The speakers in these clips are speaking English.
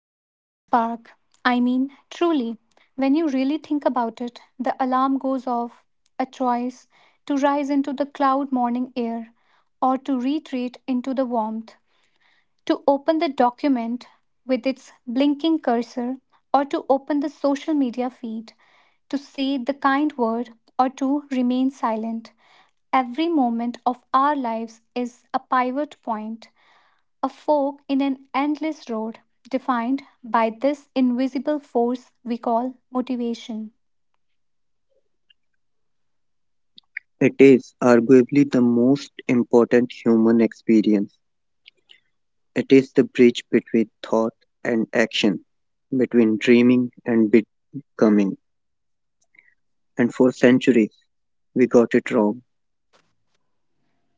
What is the spark? I mean, truly, when you really think about it, the alarm goes off, a choice to rise into the cloud morning air or to retreat into the warmth, to open the document with its blinking cursor or to open the social media feed, to say the kind word or to remain silent. Every moment of our lives is a pivot point, a fork in an endless road defined by this invisible force we call motivation. It is arguably the most important human experience. It is the bridge between thought and action, between dreaming and becoming. And for centuries, we got it wrong.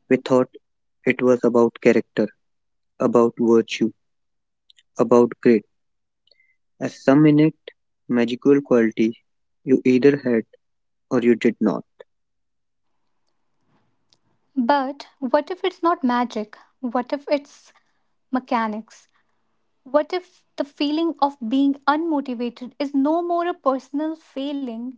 We thought it was about character, about virtue, about grit, as some innate magical quality you either had or you did not. But what if it's not magic? What if it's mechanics? What if the feeling of being unmotivated is no more a personal failing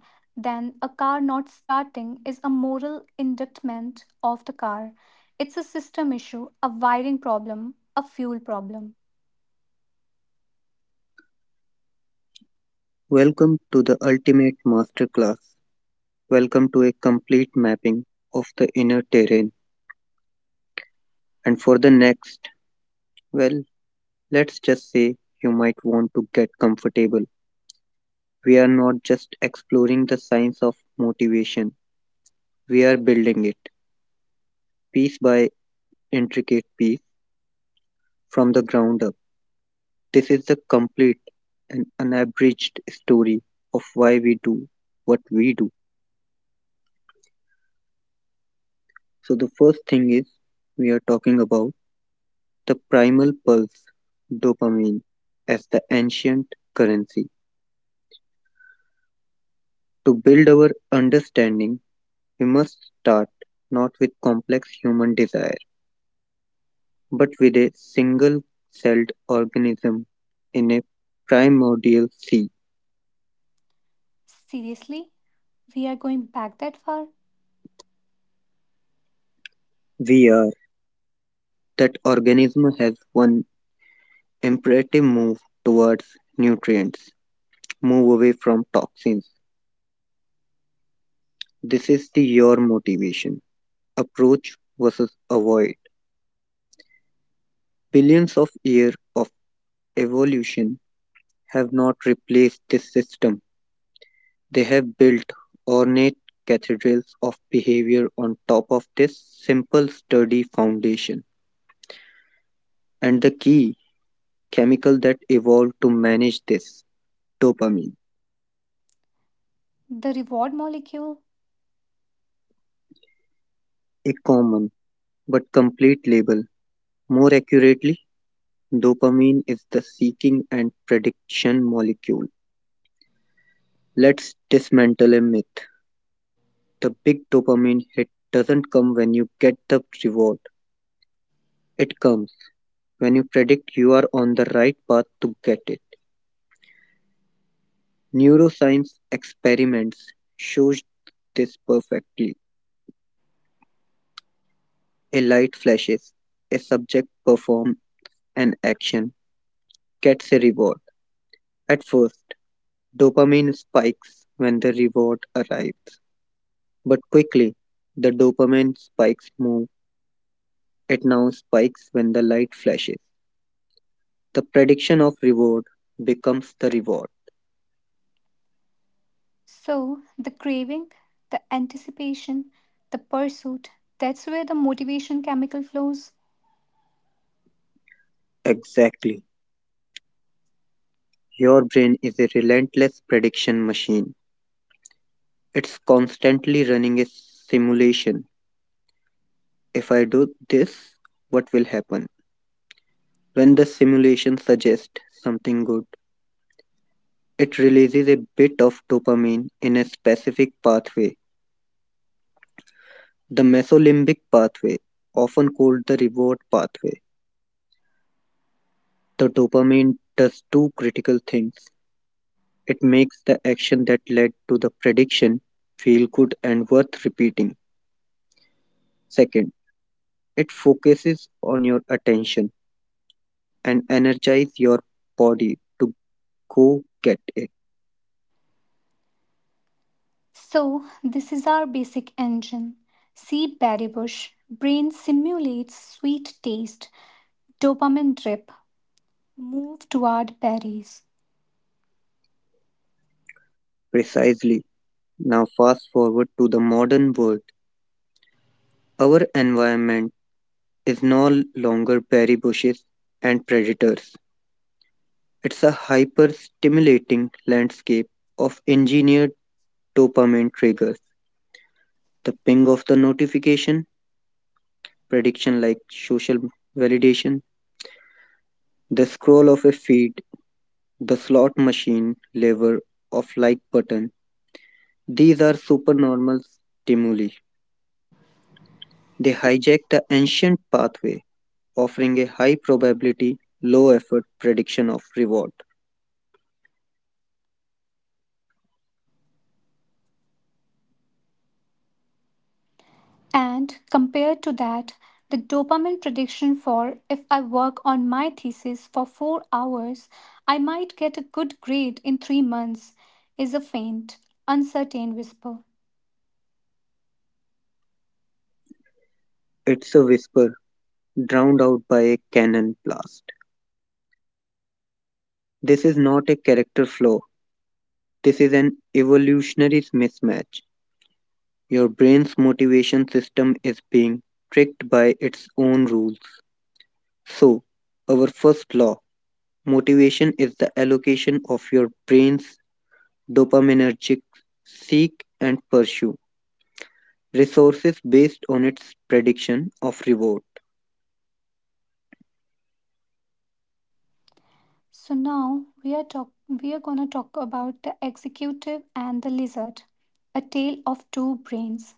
than a car not starting is a moral indictment of the car? It's a system issue, a wiring problem, a fuel problem. Welcome to the ultimate masterclass. Welcome to a complete mapping of the inner terrain. And for the next Well, let's just say you might want to get comfortable. We are not just exploring the science of motivation, we are building it piece by intricate piece from the ground up. This is the complete and unabridged story of why we do what we do. So, the first thing is we are talking about the primal pulse, dopamine, as the ancient currency. To build our understanding, we must start not with complex human desire, but with a single celled organism in a primordial sea. Seriously? We are going back that far? We are. That organism has one imperative move towards nutrients, move away from toxins. This is the your motivation. Approach versus avoid. Billions of years of evolution have not replaced this system. They have built ornate cathedrals of behavior on top of this simple sturdy foundation. And the key chemical that evolved to manage this dopamine. The reward molecule. A common but complete label. More accurately, dopamine is the seeking and prediction molecule. Let's dismantle a myth. The big dopamine hit doesn't come when you get the reward, it comes when you predict you are on the right path to get it. Neuroscience experiments shows this perfectly. A light flashes, a subject performs an action, gets a reward. At first, dopamine spikes when the reward arrives, but quickly the dopamine spikes move. It now spikes when the light flashes. The prediction of reward becomes the reward. So, the craving, the anticipation, the pursuit, that's where the motivation chemical flows. Exactly. Your brain is a relentless prediction machine. It's constantly running a simulation. If I do this, what will happen? When the simulation suggests something good, it releases a bit of dopamine in a specific pathway, the mesolimbic pathway, often called the reward pathway. The dopamine does two critical things. It makes the action that led to the prediction feel good and worth repeating. Second, it focuses on your attention and energizes your body to go get it. So, this is our basic engine. See berrybush, brain simulates sweet taste, dopamine drip, move toward berries. Precisely. Now, fast forward to the modern world. Our environment is no longer berry bushes and predators. It's a hyper stimulating landscape of engineered dopamine triggers. The ping of the notification, prediction like social validation, the scroll of a feed, the slot machine lever of like button. These are supernormal stimuli. They hijack the ancient pathway offering a high probability, low effort prediction of reward. And compared to that, the dopamine prediction for if I work on my thesis for 4 hours, I might get a good grade in 3 months is a faint, uncertain whisper. It's a whisper drowned out by a cannon blast. This is not a character flaw, this is an evolutionary mismatch. Your brain's motivation system is being tricked by its own rules. So, our first law, motivation is the allocation of your brain's dopaminergic seek and pursue resources based on its prediction of reward. So now we are gonna talk about the executive and the lizard, a tale of two brains.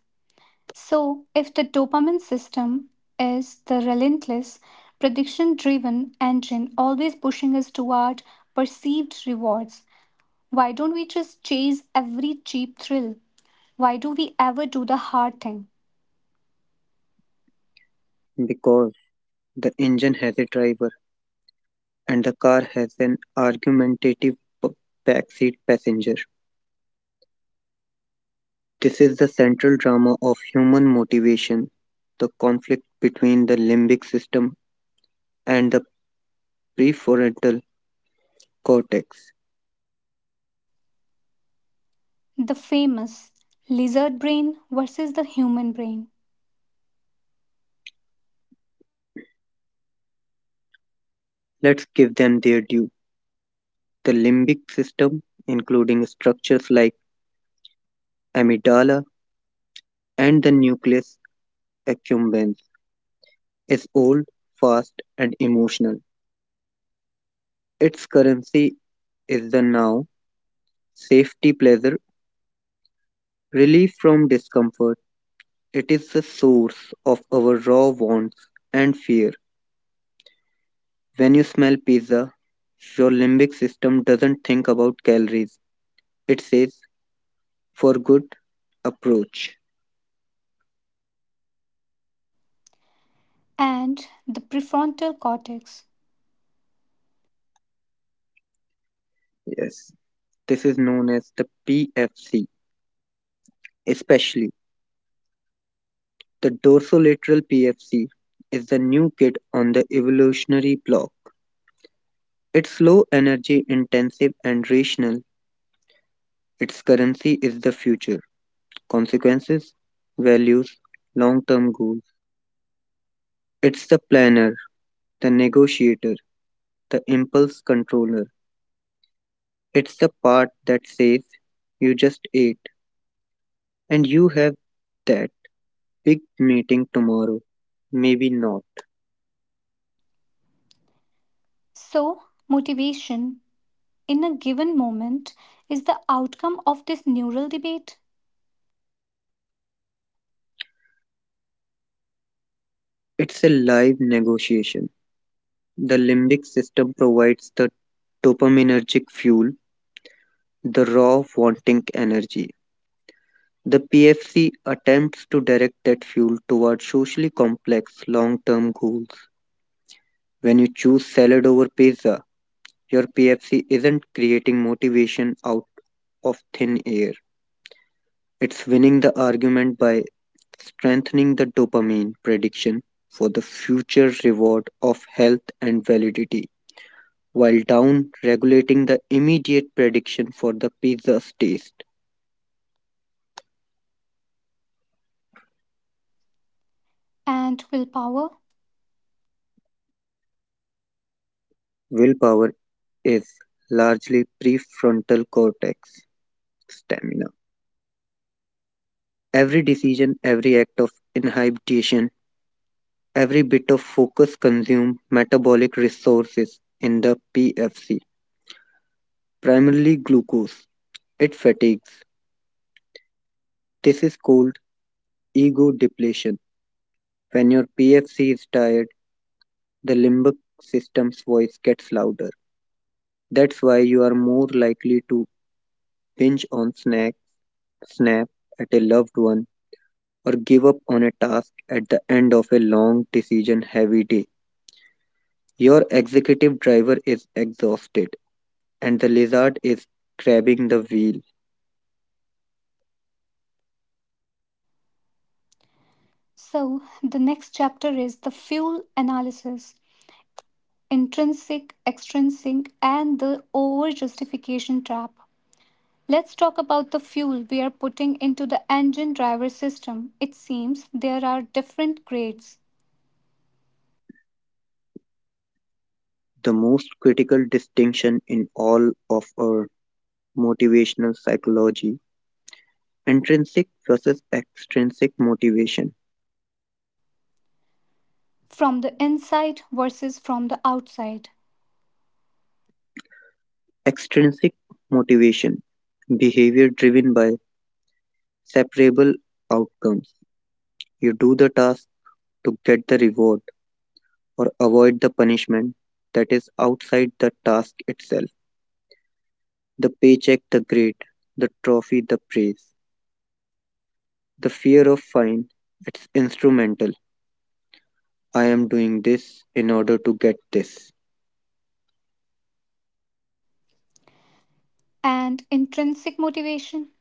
So if the dopamine system is the relentless, prediction driven engine always pushing us toward perceived rewards, why don't we just chase every cheap thrill? Why do we ever do the hard thing? Because the engine has a driver, and the car has an argumentative p- backseat passenger. This is the central drama of human motivation, the conflict between the limbic system and the prefrontal cortex. The famous lizard brain versus the human brain Let's give them their due. The limbic system, including structures like amygdala and the nucleus accumbens, is old, fast, and emotional. Its currency is the now, safety, pleasure, relief from discomfort. It is the source of our raw wants and fear. When you smell pizza, your limbic system doesn't think about calories. It says, for good approach. and the prefrontal cortex. Yes, this is known as the PFC, especially the dorsolateral PFC is the new kid on the evolutionary block. It's low energy intensive and rational. Its currency is the future, consequences, values, long term goals. It's the planner, the negotiator, the impulse controller. It's the part that says, you just ate, and you have that big meeting tomorrow. Maybe not. So, motivation in a given moment is the outcome of this neural debate It's a live negotiation. The limbic system provides the dopaminergic fuel, the raw wanting energy. The PFC attempts to direct that fuel toward socially complex long term goals. When you choose salad over pizza, your PFC isn't creating motivation out of thin air. It's winning the argument by strengthening the dopamine prediction for the future reward of health and validity, while down regulating the immediate prediction for the pizza's taste. and willpower. Willpower is largely prefrontal cortex stamina. Every decision, every act of inhibition, every bit of focus consumes metabolic resources in the PFC, primarily glucose. It fatigues. This is called ego depletion. When your PFC is tired, the limbic system's voice gets louder. That's why you are more likely to binge on snack, snap at a loved one, or give up on a task at the end of a long decision heavy day. Your executive driver is exhausted and the lizard is grabbing the wheel. So, the next chapter is the fuel analysis, intrinsic, extrinsic, and the over justification trap. Let's talk about the fuel we are putting into the engine driver system. It seems there are different grades The most critical distinction in all of our motivational psychology, intrinsic versus extrinsic motivation. from the inside versus from the outside. Extrinsic motivation, behavior driven by separable outcomes. You do the task to get the reward or avoid the punishment that is outside the task itself. The paycheck, the grade, the trophy, the praise. The fear of fine, it's instrumental. I am doing this in order to get this. And intrinsic motivation,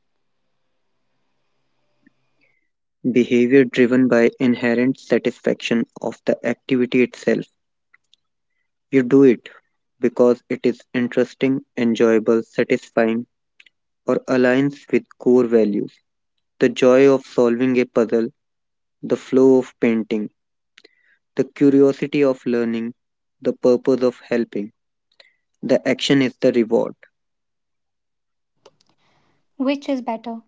Behavior driven by inherent satisfaction of the activity itself. You do it because it is interesting, enjoyable, satisfying, or aligns with core values. The joy of solving a puzzle, the flow of painting, the curiosity of learning, the purpose of helping. The action is the reward. which is better?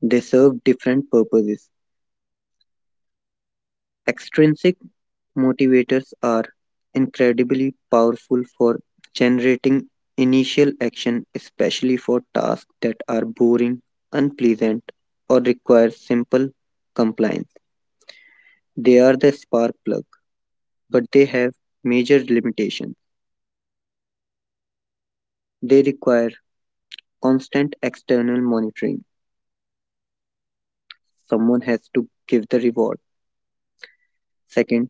They serve different purposes. Extrinsic motivators are incredibly powerful for generating initial action, especially for tasks that are boring, unpleasant, or require simple compliance. They are the spark plug, but they have major limitations. They require constant external monitoring. Someone has to give the reward. Second,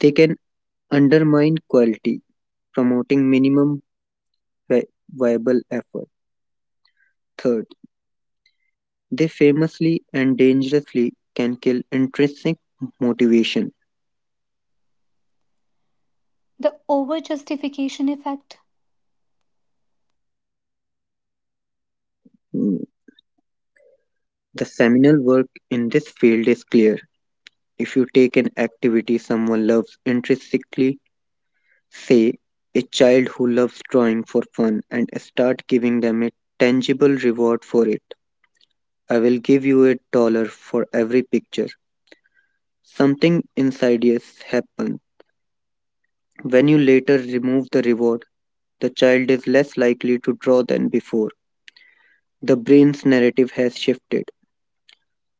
they can undermine quality, promoting minimum vi- viable effort. Third, they famously and dangerously can kill intrinsic motivation. The over justification effect. Mm. The seminal work in this field is clear. If you take an activity someone loves intrinsically, say a child who loves drawing for fun, and start giving them a tangible reward for it, I will give you a dollar for every picture. Something insidious happens. When you later remove the reward, the child is less likely to draw than before. The brain's narrative has shifted.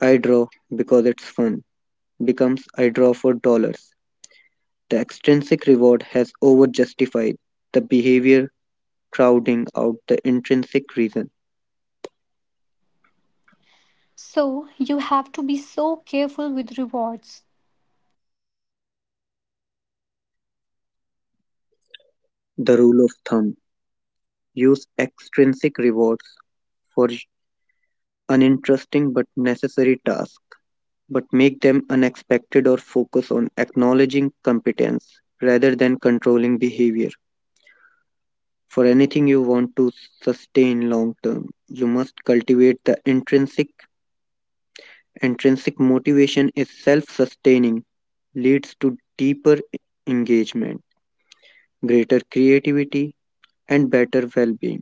I draw because it's fun becomes I draw for dollars. The extrinsic reward has over justified the behavior, crowding out the intrinsic reason. So you have to be so careful with rewards. The rule of thumb, use extrinsic rewards for uninteresting but necessary tasks, but make them unexpected or focus on acknowledging competence rather than controlling behavior. For anything you want to sustain long term, you must cultivate the intrinsic. Intrinsic motivation is self sustaining, leads to deeper engagement, greater creativity, and better well being.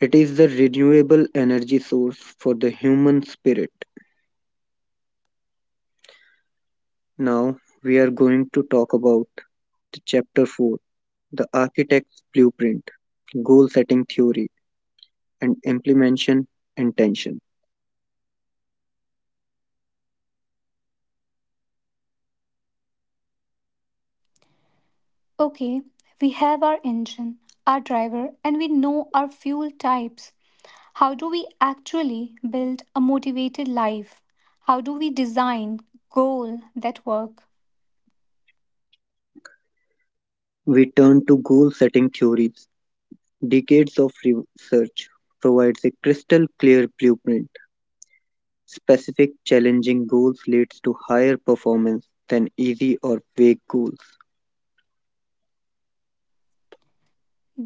It is the renewable energy source for the human spirit. Now, we are going to talk about the chapter 4, the architect's blueprint, goal setting theory, and implementation intention. Okay, we have our engine, our driver, and we know our fuel types. How do we actually build a motivated life? How do we design goal that work? We turn to goal setting theories. Decades of research provides a crystal clear blueprint. Specific, challenging goals leads to higher performance than easy or vague goals.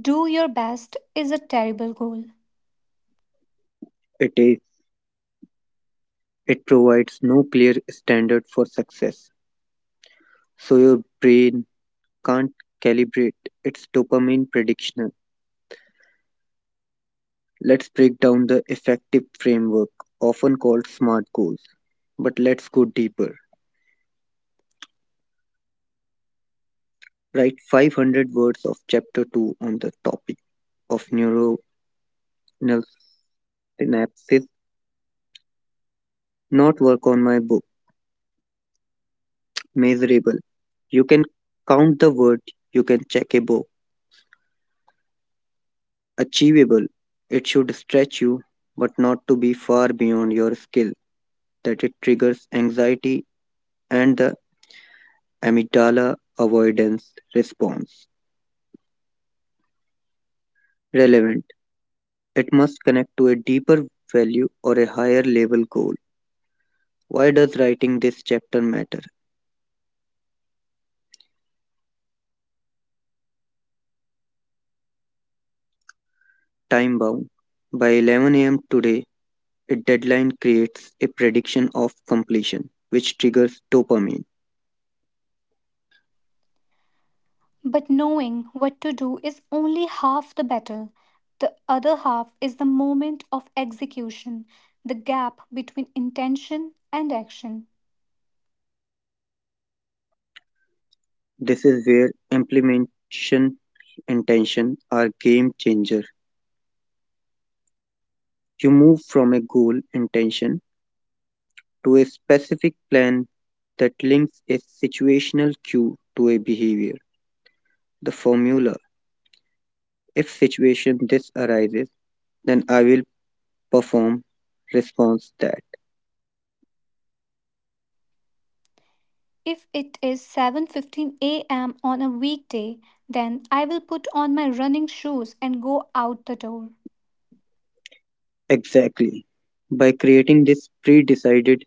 Do your best is a terrible goal, It is it provides no clear standard for success, so your brain can't calibrate its dopamine prediction. Let's break down the effective framework, often called SMART goals, but let's go deeper. Write 500 words of chapter 2 on the topic of neuronal synapses. Not work on my book. Measurable. You can count the word. You can check a book. Achievable. It should stretch you, but not to be far beyond your skill, that it triggers anxiety and the amygdala avoidance response. Relevant. It must connect to a deeper value or a higher level goal. Why does writing this chapter matter? Time bound. By 11 a.m. today, a deadline creates a prediction of completion, which triggers dopamine. but knowing what to do is only half the battle. The other half is the moment of execution, the gap between intention and action. This is where implementation intention are game changer. You move from a goal intention to a specific plan that links a situational cue to a behavior. The formula, if situation this arises, then I will perform response that. If it is 7:15 a.m. on a weekday, then I will put on my running shoes and go out the door. Exactly. By creating this pre decided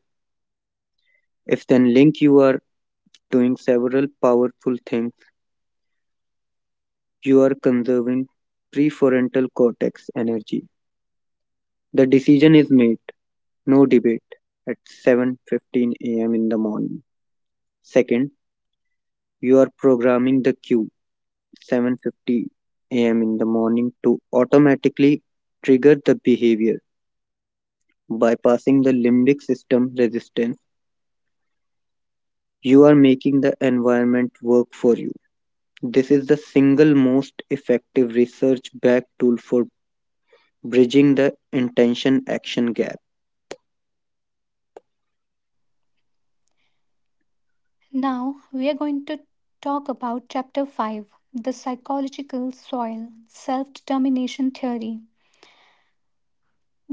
if then link, you are doing several powerful things. You are conserving prefrontal cortex energy. The decision is made, no debate, at 7:15 a.m. in the morning. Second, you are programming the cue 7:50 a.m. in the morning to automatically trigger the behavior, bypassing the limbic system resistance. You are making the environment work for you. This is the single most effective research backed tool for bridging the intention action gap. Now we are going to talk about chapter 5, the psychological soil, self-determination theory.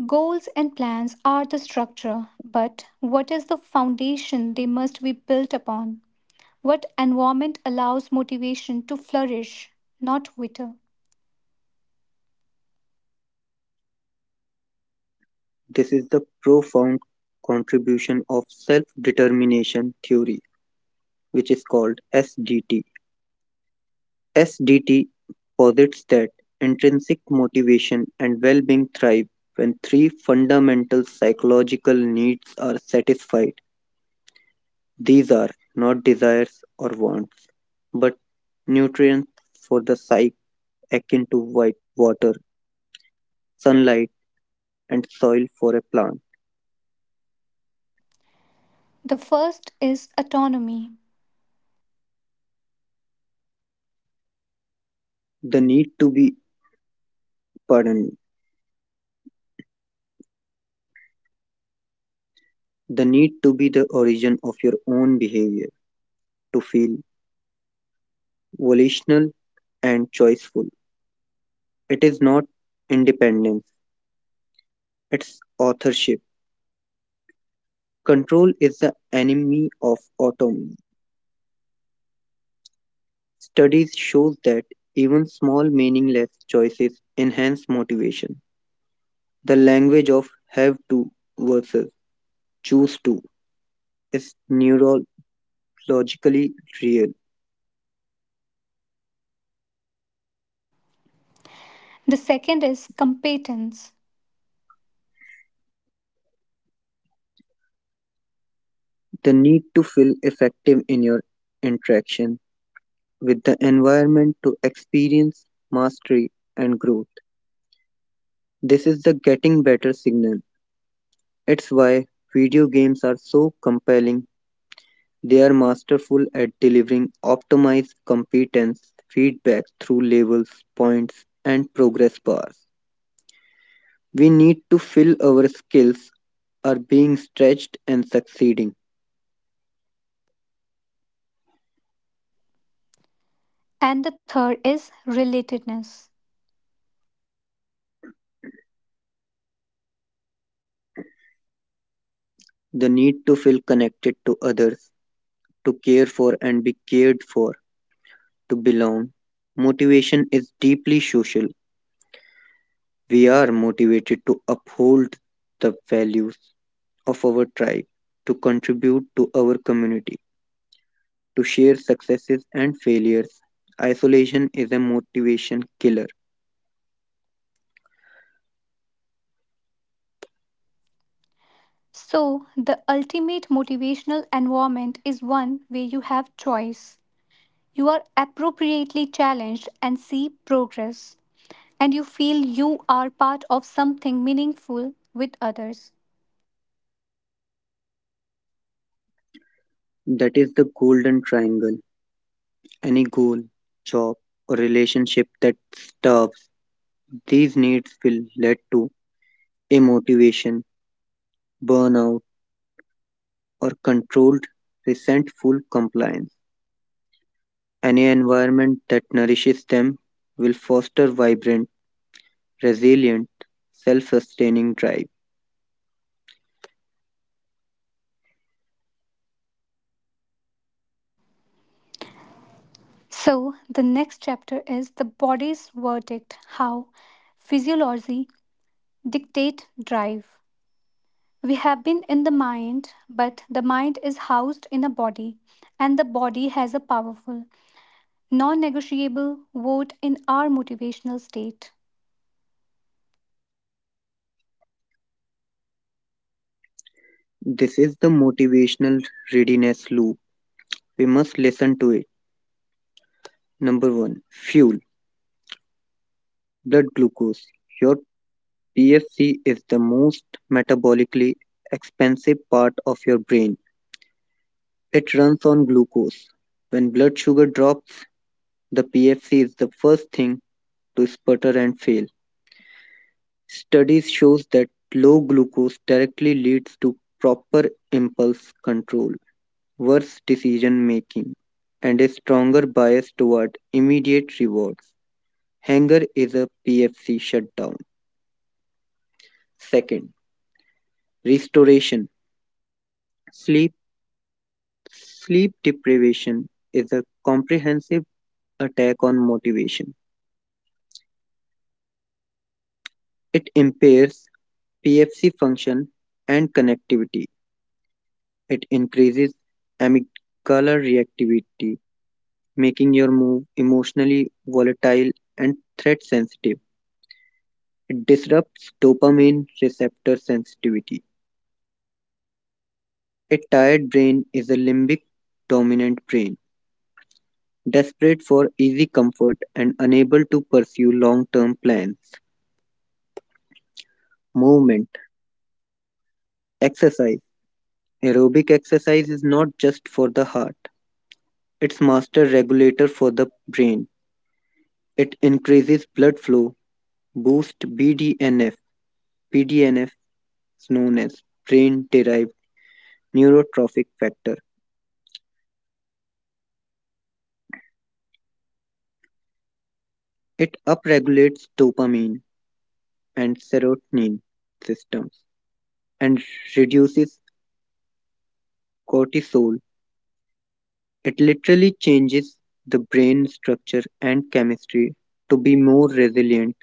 Goals and plans are the structure, but what is the foundation they must be built upon? What environment allows motivation to flourish, not wither? This is the profound contribution of self determination theory, which is called SDT. SDT posits that intrinsic motivation and well being thrive when three fundamental psychological needs are satisfied. These are not desires or wants, but nutrients for the psyche, akin to white water, sunlight, and soil for a plant. The first is autonomy. The need to be pardoned. The need to be the origin of your own behavior, to feel volitional and choiceful. It is not independence, it's authorship. Control is the enemy of autonomy. Studies show that even small meaningless choices enhance motivation. The language of have to versus choose to is neurologically real. The second is competence. The need to feel effective in your interaction with the environment to experience mastery and growth. This is the getting better signal. It's why video games are so compelling. They are masterful at delivering optimized competence feedback through levels, points, and progress bars. We need to feel our skills are being stretched and succeeding. And the third is relatedness. The need to feel connected to others, to care for and be cared for, to belong. Motivation is deeply social. We are motivated to uphold the values of our tribe, to contribute to our community, to share successes and failures. Isolation is a motivation killer. So, the ultimate motivational environment is one where you have choice. You are appropriately challenged and see progress, and you feel you are part of something meaningful with others. That is the golden triangle. Any goal, job, or relationship that starves these needs will lead to immotivation, burnout, or controlled, resentful compliance. Any environment that nourishes them will foster vibrant, resilient, self sustaining drive. So, the next chapter is the body's verdict, how physiology dictate drive. We have been in the mind, but the mind is housed in a body, and the body has a powerful, non negotiable vote in our motivational state. This is the motivational readiness loop. We must listen to it. Number one, fuel, blood glucose. Your PFC is the most metabolically expensive part of your brain. It runs on glucose. When blood sugar drops, the PFC is the first thing to sputter and fail. Studies shows that low glucose directly leads to proper impulse control, worse decision making, and a stronger bias toward immediate rewards. Hunger is a PFC shutdown. Second, restoration. Sleep sleep deprivation is a comprehensive attack on motivation. It impairs PFC function and connectivity. It increases amygdala reactivity, making your move emotionally volatile and threat sensitive. It disrupts dopamine receptor sensitivity. A tired brain is a limbic dominant brain, desperate for easy comfort and unable to pursue long term plans. Movement, exercise. Aerobic exercise is not just for the heart, it's master regulator for the brain. It increases blood flow, boosts BDNF. BDNF is known as brain derived neurotrophic factor. It upregulates dopamine and serotonin systems and reduces cortisol. It literally changes the brain structure and chemistry to be more resilient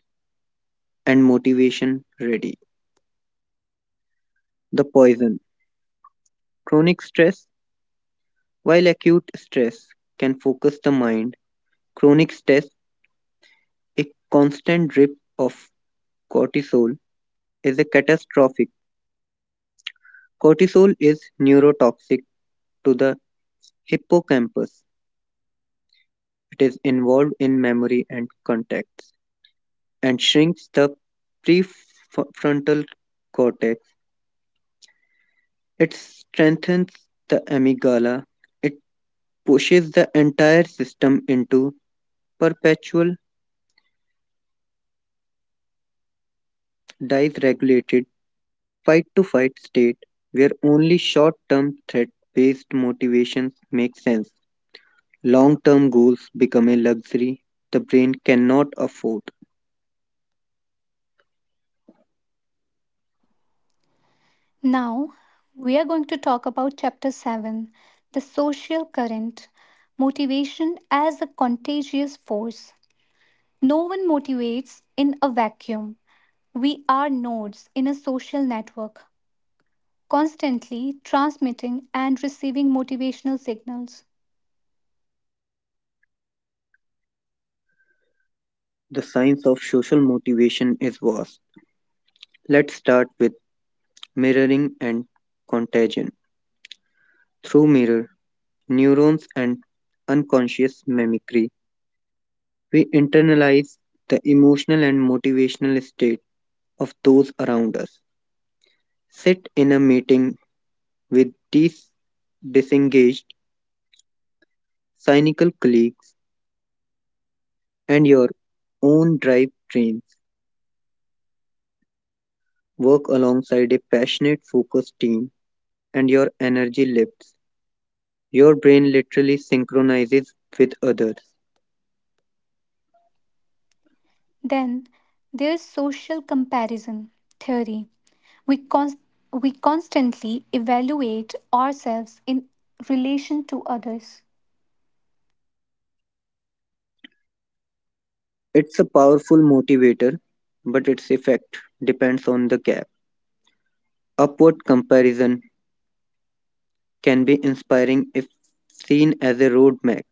and motivation ready. The poison chronic stress, while acute stress can focus the mind, chronic stress, a constant drip of cortisol, is a catastrophic. Cortisol is neurotoxic to the hippocampus. It is involved in memory and contacts, and shrinks the prefrontal cortex. It strengthens the amygdala. It pushes the entire system into perpetual dysregulated fight to fight state where only short term threat based motivations make sense. Long term goals become a luxury the brain cannot afford. Now, we are going to talk about chapter 7, the social current, motivation as a contagious force. No one motivates in a vacuum. We are nodes in a social network, constantly transmitting and receiving motivational signals. The science of social motivation is vast. Let's start with mirroring and contagion. Through mirror, neurons, and unconscious mimicry. We internalize the emotional and motivational state of those around us. Sit in a meeting with these disengaged, cynical colleagues and your own drive trains. Work alongside a passionate, focused team, and your energy lifts. Your brain literally synchronizes with others. Then there's social comparison theory. We, cons- we constantly evaluate ourselves in relation to others. It's a powerful motivator, but its effect depends on the gap. Upward comparison can be inspiring if seen as a roadmap,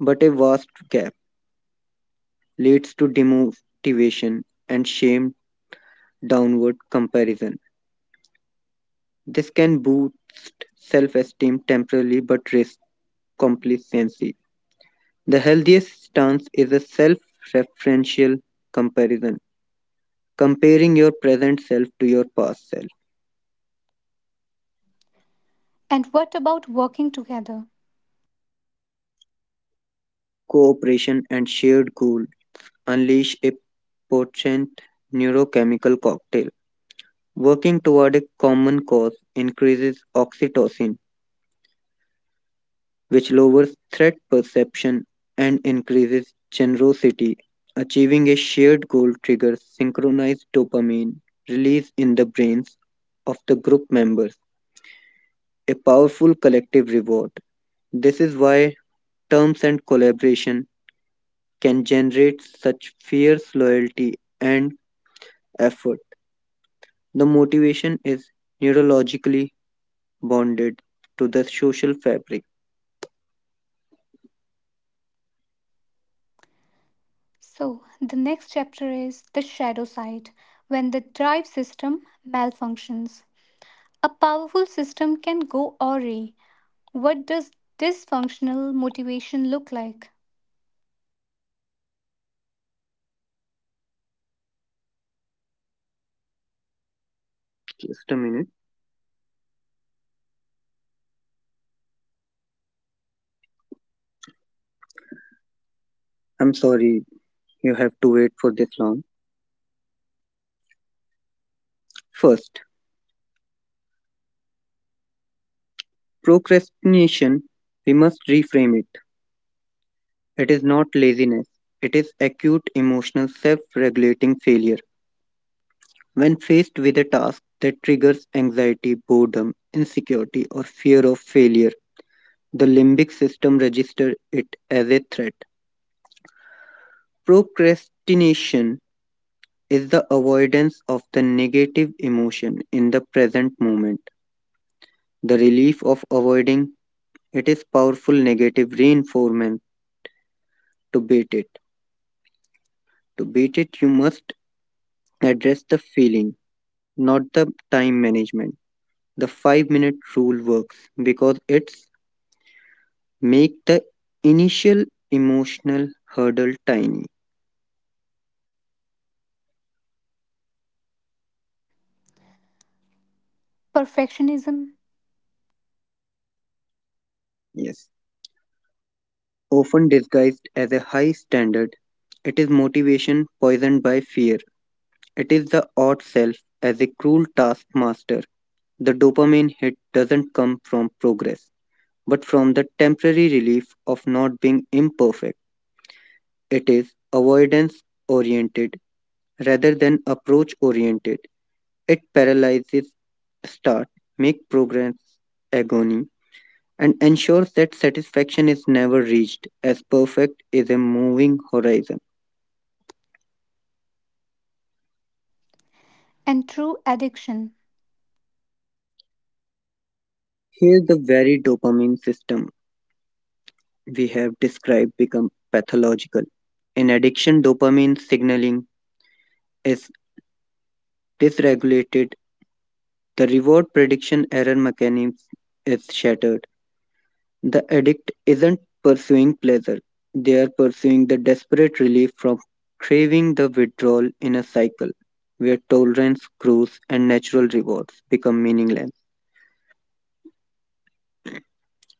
but a vast gap leads to demotivation and shame downward comparison. This can boost self esteem temporarily but risk complacency. The healthiest stance is a self referential comparison, comparing your present self to your past self. And what about working together? Cooperation and shared goal unleash a potent neurochemical cocktail. Working toward a common cause increases oxytocin, which lowers threat perception and increases generosity. Achieving a shared goal triggers synchronized dopamine release in the brains of the group members, a powerful collective reward. This is why terms and collaboration can generate such fierce loyalty and effort. The motivation is neurologically bonded to the social fabric. So, the next chapter is the shadow side, when the drive system malfunctions. A powerful system can go awry. What does dysfunctional motivation look like? Just a minute. I'm sorry you have to wait for this long. First, procrastination, we must reframe it. It is not laziness, it is acute emotional self regulating failure. When faced with a task that triggers anxiety, boredom, insecurity, or fear of failure, the limbic system registers it as a threat. Procrastination is the avoidance of the negative emotion in the present moment. The relief of avoiding it is powerful negative reinforcement. To beat it, to beat it, you must address the feeling, not the time management. The 5 minute rule works because it's make the initial emotional hurdle tiny. Perfectionism Yes, often disguised as a high standard, it is motivation poisoned by fear. It is the odd self as a cruel taskmaster. The dopamine hit doesn't come from progress, but from the temporary relief of not being imperfect. It is avoidance oriented rather than approach oriented. It paralyzes start, make progress agony, and ensures that satisfaction is never reached, as perfect is a moving horizon. and true addiction. Here, the very dopamine system we have described become pathological. In addiction, dopamine signaling is dysregulated. The reward prediction error mechanism is shattered. The addict isn't pursuing pleasure, they are pursuing the desperate relief from craving the withdrawal in a cycle where tolerance grows and natural rewards become meaningless.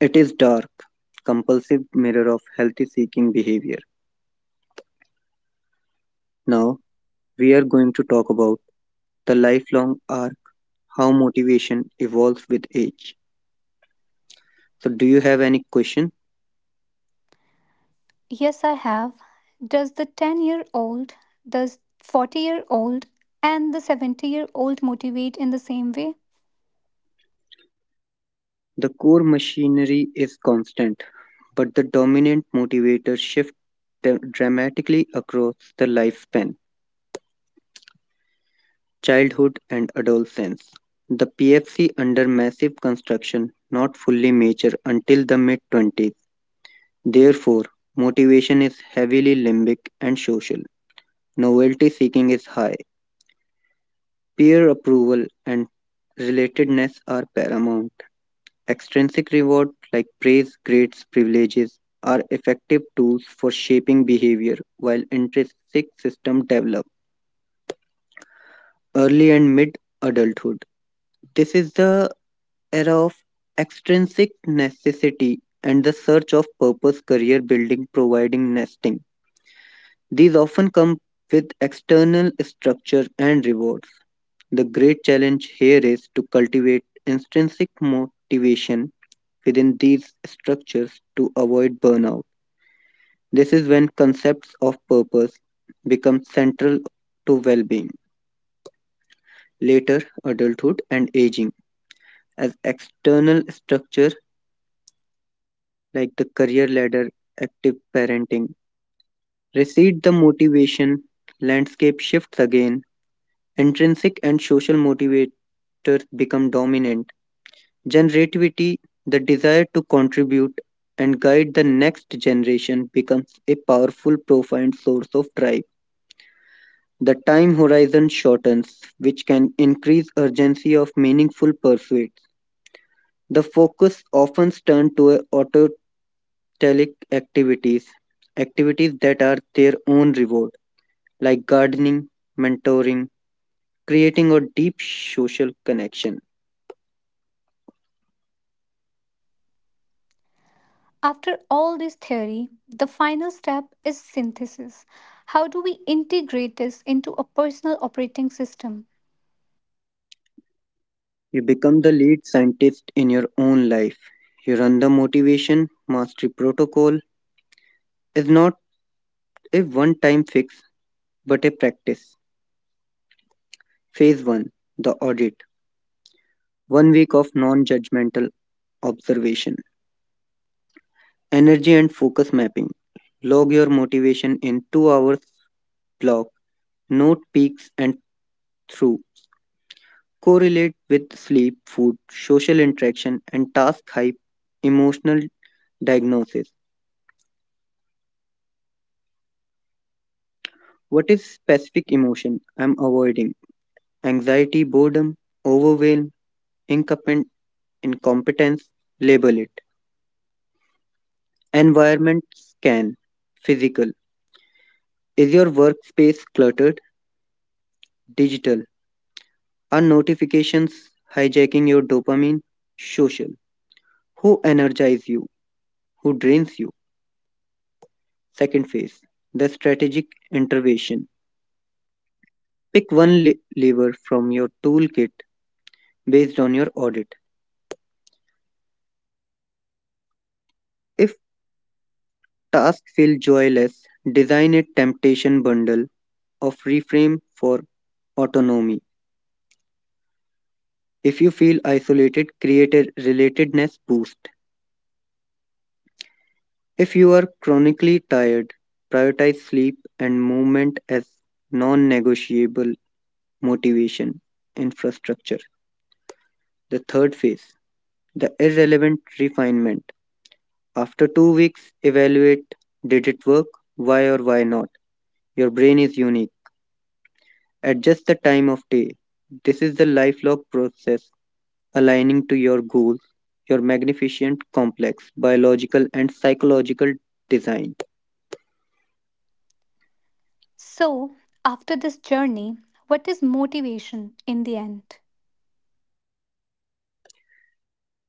It is dark, compulsive mirror of healthy seeking behavior. Now, we are going to talk about the lifelong arc, how motivation evolves with age. So, do you have any question? Yes, I have. Does the 10-year-old, does 40-year-old, and the 70-year-old motivate in the same way? The core machinery is constant, but the dominant motivators shift dramatically across the lifespan, childhood and adolescence. The PFC under massive construction not fully mature until the mid 20s. Therefore, motivation is heavily limbic and social. Novelty seeking is high. Peer approval and relatedness are paramount. Extrinsic reward, like praise, grades, privileges, are effective tools for shaping behavior, while intrinsic system develop early and mid adulthood. This is the era of extrinsic necessity and the search of purpose, career building, providing nesting. These often come with external structure and rewards. The great challenge here is to cultivate intrinsic motivation within these structures to avoid burnout. This is when concepts of purpose become central to well being. Later, adulthood and aging as external structure like the career ladder, active parenting, recede the motivation, landscape shifts again, intrinsic and social motivators become dominant. Generativity, the desire to contribute and guide the next generation, becomes a powerful, profound source of drive. The time horizon shortens, which can increase urgency of meaningful pursuits. The focus often turns to autotelic activities, activities that are their own reward, like gardening, mentoring, creating a deep social connection. After all this theory, the final step is synthesis. How do we integrate this into a personal operating system? You become the lead scientist in your own life. You run the motivation mastery protocol is not a one time fix but a practice. Phase 1, the Audit. One week of non judgmental observation, energy and focus mapping. Log your motivation in 2 hours block, note peaks and through. Correlate with sleep, food, social interaction, and task hype. Emotional diagnosis. What is specific emotion I'm avoiding? Anxiety, boredom, overwhelm, incompe- incompetence. Label it. Environment scan. Physical. Is your workspace cluttered? Digital. Are notifications hijacking your dopamine? Social. Who energize you? Who drains you? Second phase. The strategic intervention. Pick one lever from your toolkit based on your audit. If tasks feel joyless, design a temptation bundle of reframe for autonomy. If you feel isolated, create a relatedness boost. If you are chronically tired, prioritize sleep and movement as non negotiable motivation, infrastructure. The third phase, the irrelevant refinement. After 2 weeks, evaluate did it work? Why or why not? Your brain is unique. Adjust the time of day. This is the lifelong process aligning to your goals, your magnificent, complex biological and psychological design. So, after this journey, what is motivation in the end?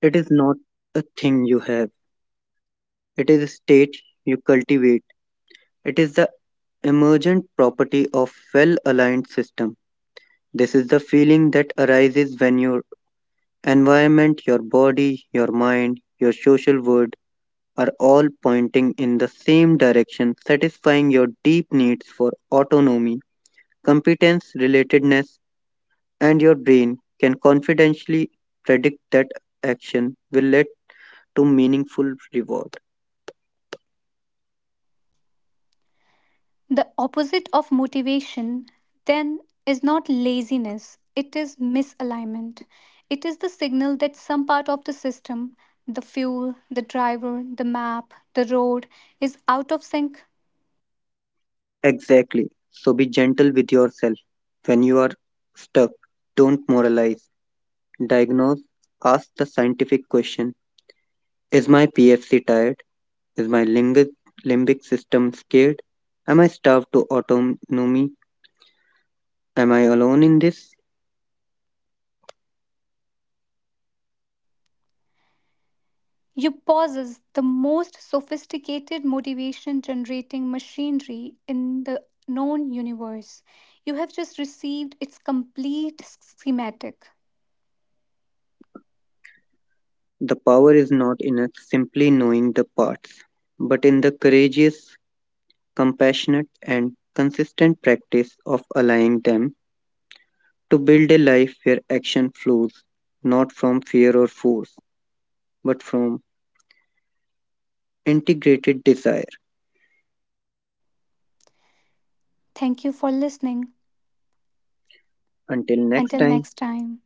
It is not a thing you have, it is a state you cultivate. It is the emergent property of well aligned system. This is the feeling that arises when your environment, your body, your mind, your social world are all pointing in the same direction, satisfying your deep needs for autonomy, competence, relatedness, and your brain can confidently predict that action will lead to meaningful reward. The opposite of motivation, then, is not laziness, it is misalignment. It is the signal that some part of the system, the fuel, the driver, the map, the road, is out of sync. Exactly. So be gentle with yourself. When you are stuck, don't moralize, diagnose, ask the scientific question. Is my PFC tired? Is my limbic system scared? Am I starved to autonomy? Am I alone in this? You pauses the most sophisticated motivation generating machinery in the known universe. You have just received its complete schematic. The power is not in us simply knowing the parts, but in the courageous, compassionate, and consistent practice of allowing them to build a life where action flows not from fear or force, but from integrated desire. Thank you for listening. Until next Until time. next time.